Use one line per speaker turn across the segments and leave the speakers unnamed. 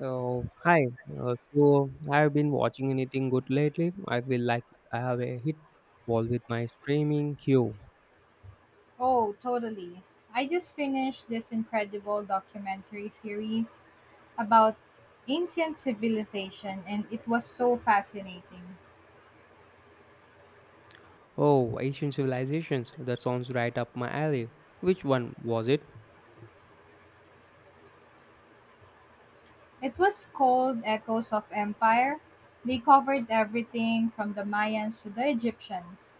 Oh, hi. Have you been watching anything good lately? I feel like I have a hit wall with my streaming queue.
Oh, totally. I just finished this incredible documentary series about ancient civilization and it was so fascinating.
Oh, Asian Civilizations. That sounds right up my alley. Which one was it?
It was called Echoes of Empire. They covered everything from the Mayans to the Egyptians.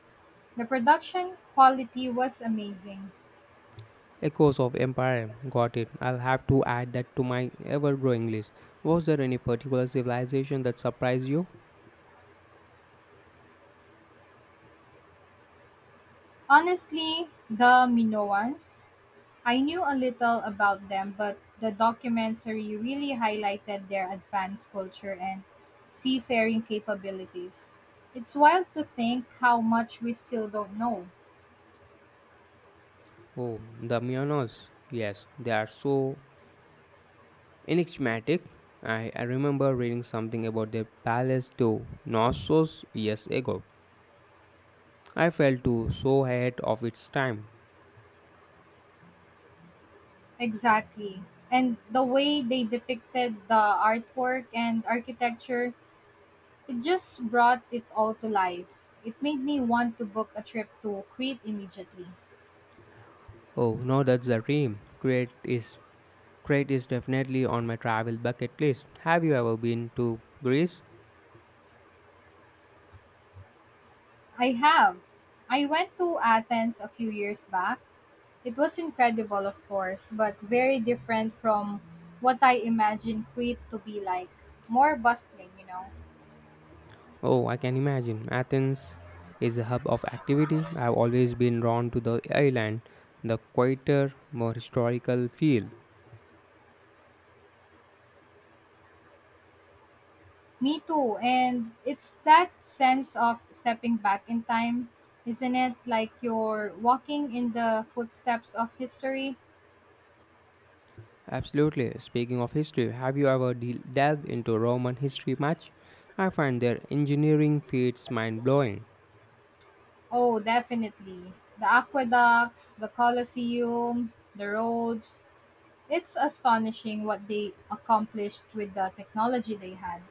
The production quality was amazing.
Echoes of Empire. Got it. I'll have to add that to my ever-growing list. Was there any particular civilization that surprised you?
Honestly, the Minoans I knew a little about them, but the documentary really highlighted their advanced culture and seafaring capabilities. It's wild to think how much we still don't know.
Oh, the Myonos. Yes, they are so enigmatic. I remember reading something about their palace to Knossos years ago. I felt too so ahead of its time.
Exactly. And the way they depicted the artwork and architecture, it just brought it all to life. It made me want to book a trip to Crete immediately.
Oh, no, that's a dream. Crete is definitely on my travel bucket list. Have you ever been to Greece?
I have. I went to Athens a few years back. It was incredible, of course, but very different from what I imagined Crete to be like. More bustling.
Oh, I can imagine. Athens is a hub of activity. I've always been drawn to the island, the quieter, more historical feel.
Me too. And it's that sense of stepping back in time, isn't it? Like you're walking in the footsteps of history.
Absolutely. Speaking of history, have you ever delved into Roman history much? I find their engineering feats mind blowing.
Oh, definitely. The aqueducts, the Colosseum, the roads. It's astonishing what they accomplished with the technology they had.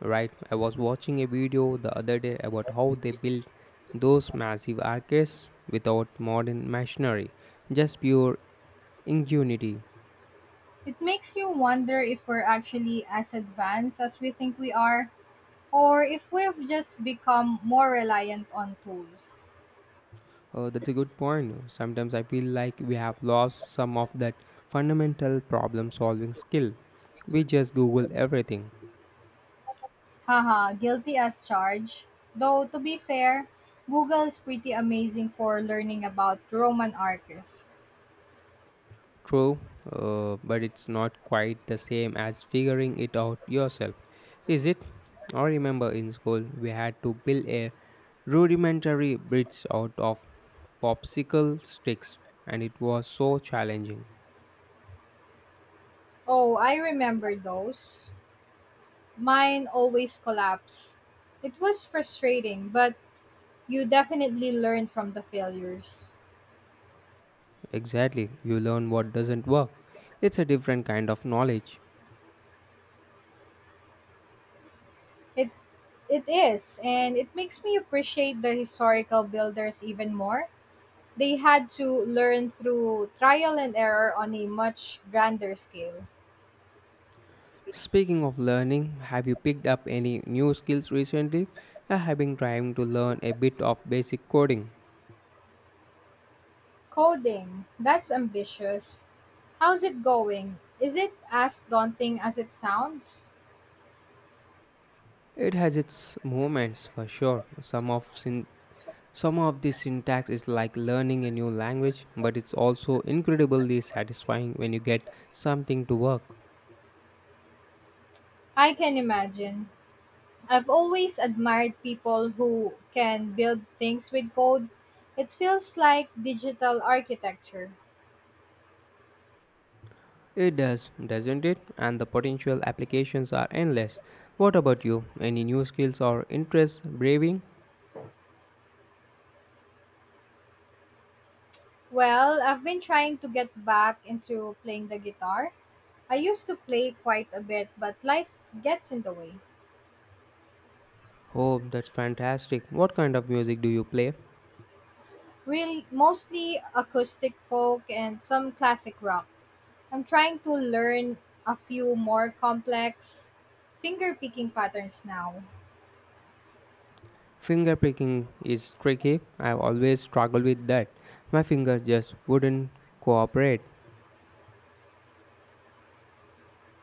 Right? I was watching a video the other day about how they built those massive arcades without modern machinery, just pure ingenuity.
It makes you wonder if we're actually as advanced as we think we are, or if we've just become more reliant on tools.
That's a good point. Sometimes I feel like we have lost some of that fundamental problem solving skill. We just Google everything.
Haha, guilty as charged. Though, to be fair, Google is pretty amazing for learning about Roman arches.
True, but it's not quite the same as figuring it out yourself, is it? I remember in school we had to build a rudimentary bridge out of popsicle sticks, and it was so challenging.
Oh, I remember those. Mine always collapse. It was frustrating, but you definitely learn from the failures.
Exactly, you learn what doesn't work. It's a different kind of knowledge.
It It is, and it makes me appreciate the historical builders even more. They had to learn through trial and error on a much grander scale.
Speaking of learning, have you picked up any new skills recently? I have been trying to learn a bit of basic coding.
Coding, that's ambitious. How's it going? Is it as daunting as it sounds?
It has its moments for sure. Some of the syntax is like learning a new language, but it's also incredibly satisfying when you get something to work.
I can imagine. I've always admired people who can build things with code. It feels like digital architecture.
It does, doesn't it? And the potential applications are endless. What about you? Any new skills or interests braving?
Well, I've been trying to get back into playing the guitar. I used to play quite a bit, but life gets in the way.
Oh, that's fantastic. What kind of music do you play?
Really, mostly acoustic folk and some classic rock. I'm trying to learn a few more complex finger picking patterns now.
Finger picking is tricky. I've always struggled with that. My fingers just wouldn't cooperate.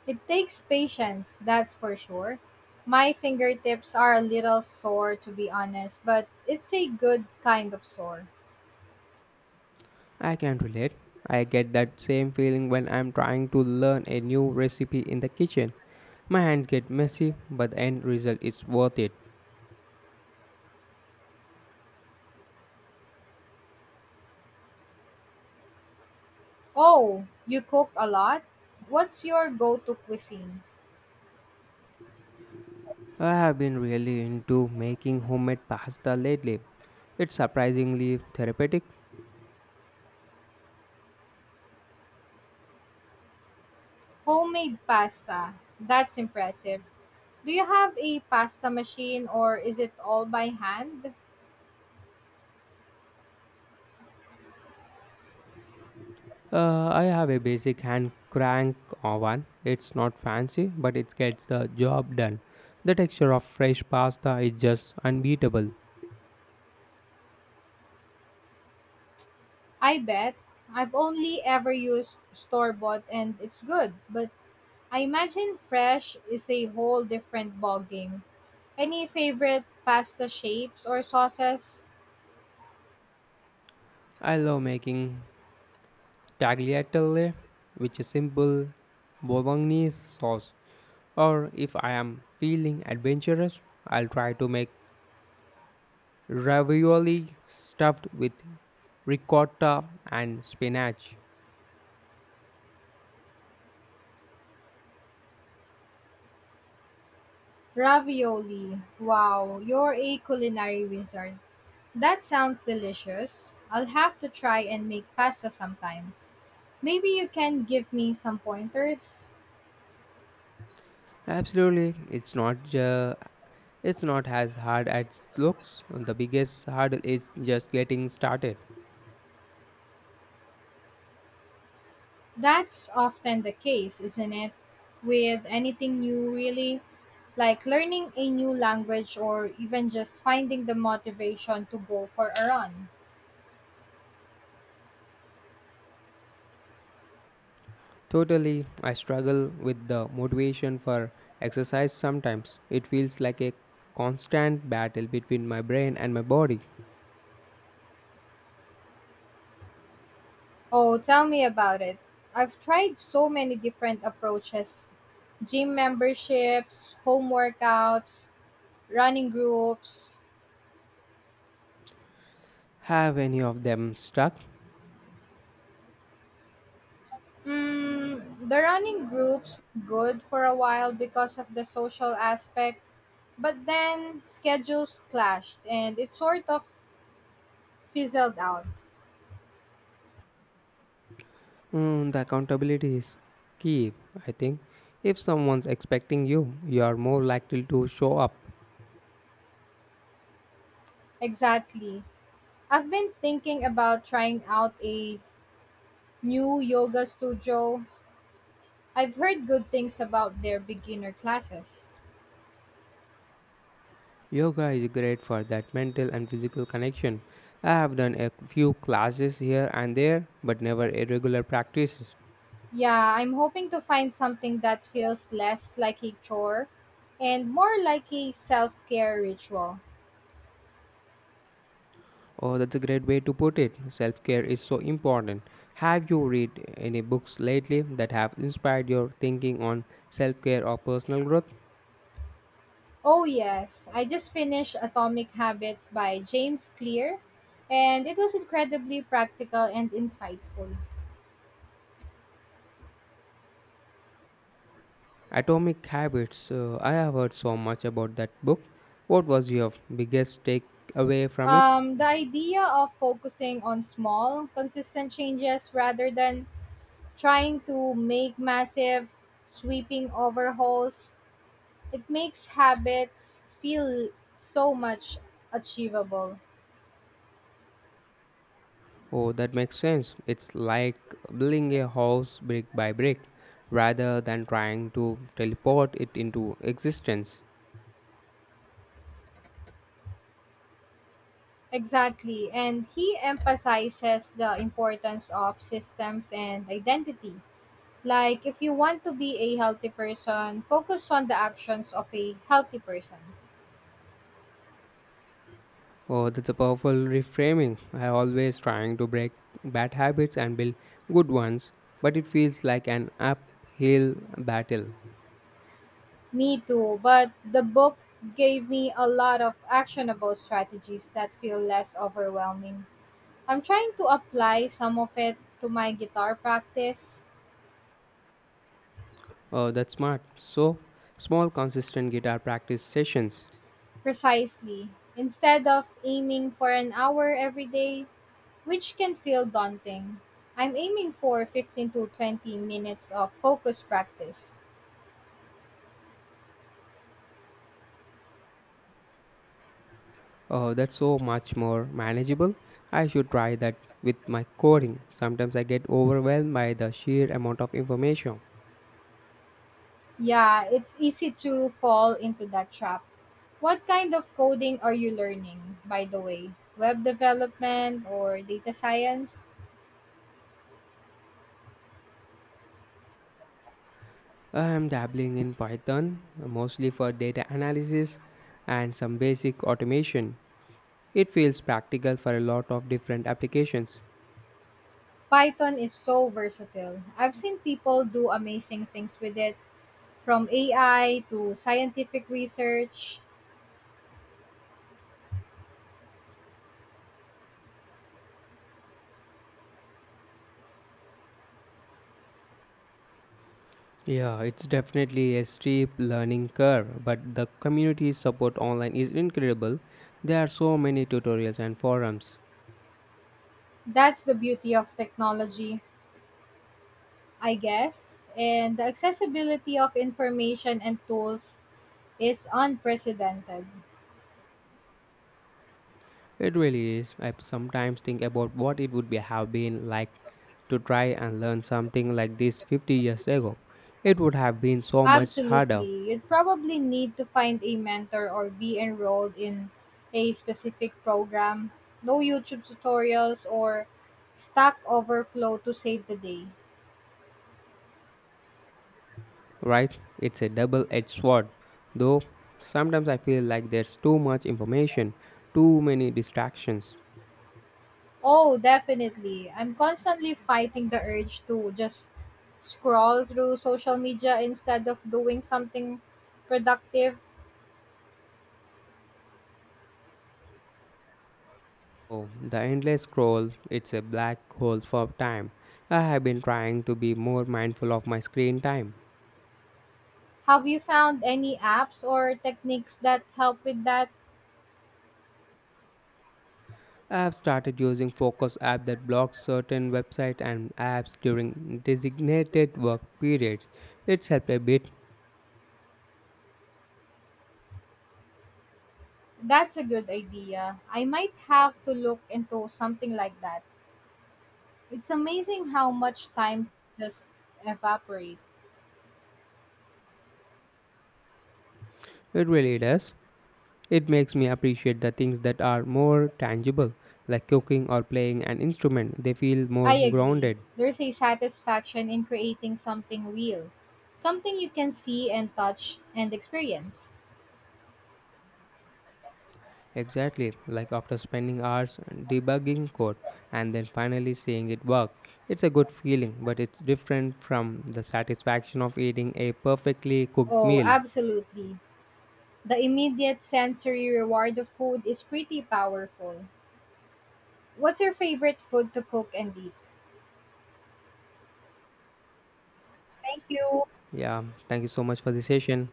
It takes patience, that's for sure. My fingertips are a little sore to be honest, but it's a good kind of sore.
I can relate. I get that same feeling when I'm trying to learn a new recipe in the kitchen. My hands get messy, but the end result is worth it.
Oh, you cook a lot? What's your go to cuisine?
I have been really into making homemade pasta lately. It's surprisingly therapeutic.
Homemade pasta. That's impressive. Do you have a pasta machine or is it all by hand?
I have a basic hand crank oven. It's not fancy, but it gets the job done. The texture of fresh pasta is just unbeatable.
I bet. I've only ever used store bought and it's good, but I imagine fresh is a whole different ballgame. Any favorite pasta shapes or sauces?
I love making tagliatelle, which is simple bolognese sauce. Or if I am feeling adventurous, I'll try to make ravioli stuffed with ricotta and spinach.
Ravioli. Wow, you're a culinary wizard. That sounds delicious. I'll have to try and make pasta sometime. Maybe you can give me some pointers?
Absolutely, it's not as hard as it looks. The biggest hurdle is just getting started.
That's often the case, isn't it? With anything new, really, like learning a new language or even just finding the motivation to go for a run.
Totally, I struggle with the motivation for exercise sometimes. It feels like a constant battle between my brain and my body.
Oh, tell me about it. I've tried so many different approaches: gym memberships, home workouts, running groups.
Have any of them stuck?
The running groups good for a while because of the social aspect, but then schedules clashed and it sort of fizzled out.
The accountability is key, I think. If someone's expecting you, you are more likely to show up.
Exactly. I've been thinking about trying out a new yoga studio. I've heard good things about their beginner classes.
Yoga is great for that mental and physical connection. I have done a few classes here and there, but never a regular practices.
Yeah, I'm hoping to find something that feels less like a chore and more like a self care ritual.
Oh, that's a great way to put it. Self care is so important. Have you read any books lately that have inspired your thinking on self care or personal growth?
Oh, yes, I just finished Atomic Habits by James Clear, and it was incredibly practical and insightful.
Atomic Habits. I have heard so much about that book. What was your biggest takeaway from it?
The idea of focusing on small, consistent changes rather than trying to make massive, sweeping overhauls, it makes habits feel so much achievable.
Oh, that makes sense. It's like building a house brick by brick rather than trying to teleport it into existence.
Exactly. And he emphasizes the importance of systems and identity. Like, if you want to be a healthy person, focus on the actions of a healthy person.
Oh, that's a powerful reframing. I always trying to break bad habits and build good ones, but it feels like an uphill battle.
Me too. But the book gave me a lot of actionable strategies that feel less overwhelming. I'm trying to apply some of it to my guitar practice,
Oh, that's smart. So, small consistent guitar practice sessions.
precisely, instead of aiming for an hour every day, which can feel daunting. I'm aiming for 15 to 20 minutes of focus practice.
Oh, that's so much more manageable. I should try that with my coding. Sometimes I get overwhelmed by the sheer amount of information.
Yeah, it's easy to fall into that trap. What kind of coding are you learning, by the way? Web development or data science?
I'm dabbling in Python, mostly for data analysis and some basic automation. It feels practical for a lot of different applications.
Python is so versatile. I've seen people do amazing things with it, from AI to scientific research.
Yeah, it's definitely a steep learning curve, but the community support online is incredible. There are so many tutorials and forums.
That's the beauty of technology, I guess. And the accessibility of information and tools is unprecedented.
It really is. I sometimes think about what it would be, have been like to try and learn something like this 50 years ago. It would have been so much harder,
Absolutely. You'd probably need to find a mentor or be enrolled in a specific program. No YouTube tutorials or Stack Overflow to save the day.
right? It's a double edged sword. Though sometimes I feel like there's too much information, too many distractions.
Oh, definitely. I'm constantly fighting the urge to just scroll through social media instead of doing something productive.
Oh, the endless scroll, it's a black hole for time. I have been trying to be more mindful of my screen time.
Have you found any apps or techniques that help with that?
I have started using Focus app that blocks certain websites and apps during designated work periods. It's helped a bit.
That's a good idea. I might have to look into something like that. It's amazing how much time just evaporate.
It really does. It makes me appreciate the things that are more tangible, like cooking or playing an instrument. They feel more
I agree.
grounded.
There's a satisfaction in creating something real, something you can see and touch and experience.
Exactly, like after spending hours debugging code and then finally seeing it work. It's a good feeling, but it's different from the satisfaction of eating a perfectly cooked
Oh,
meal.
absolutely. The immediate sensory reward of food is pretty powerful. What's your favorite food to cook and eat? Thank you.
Yeah, thank you so much for the session.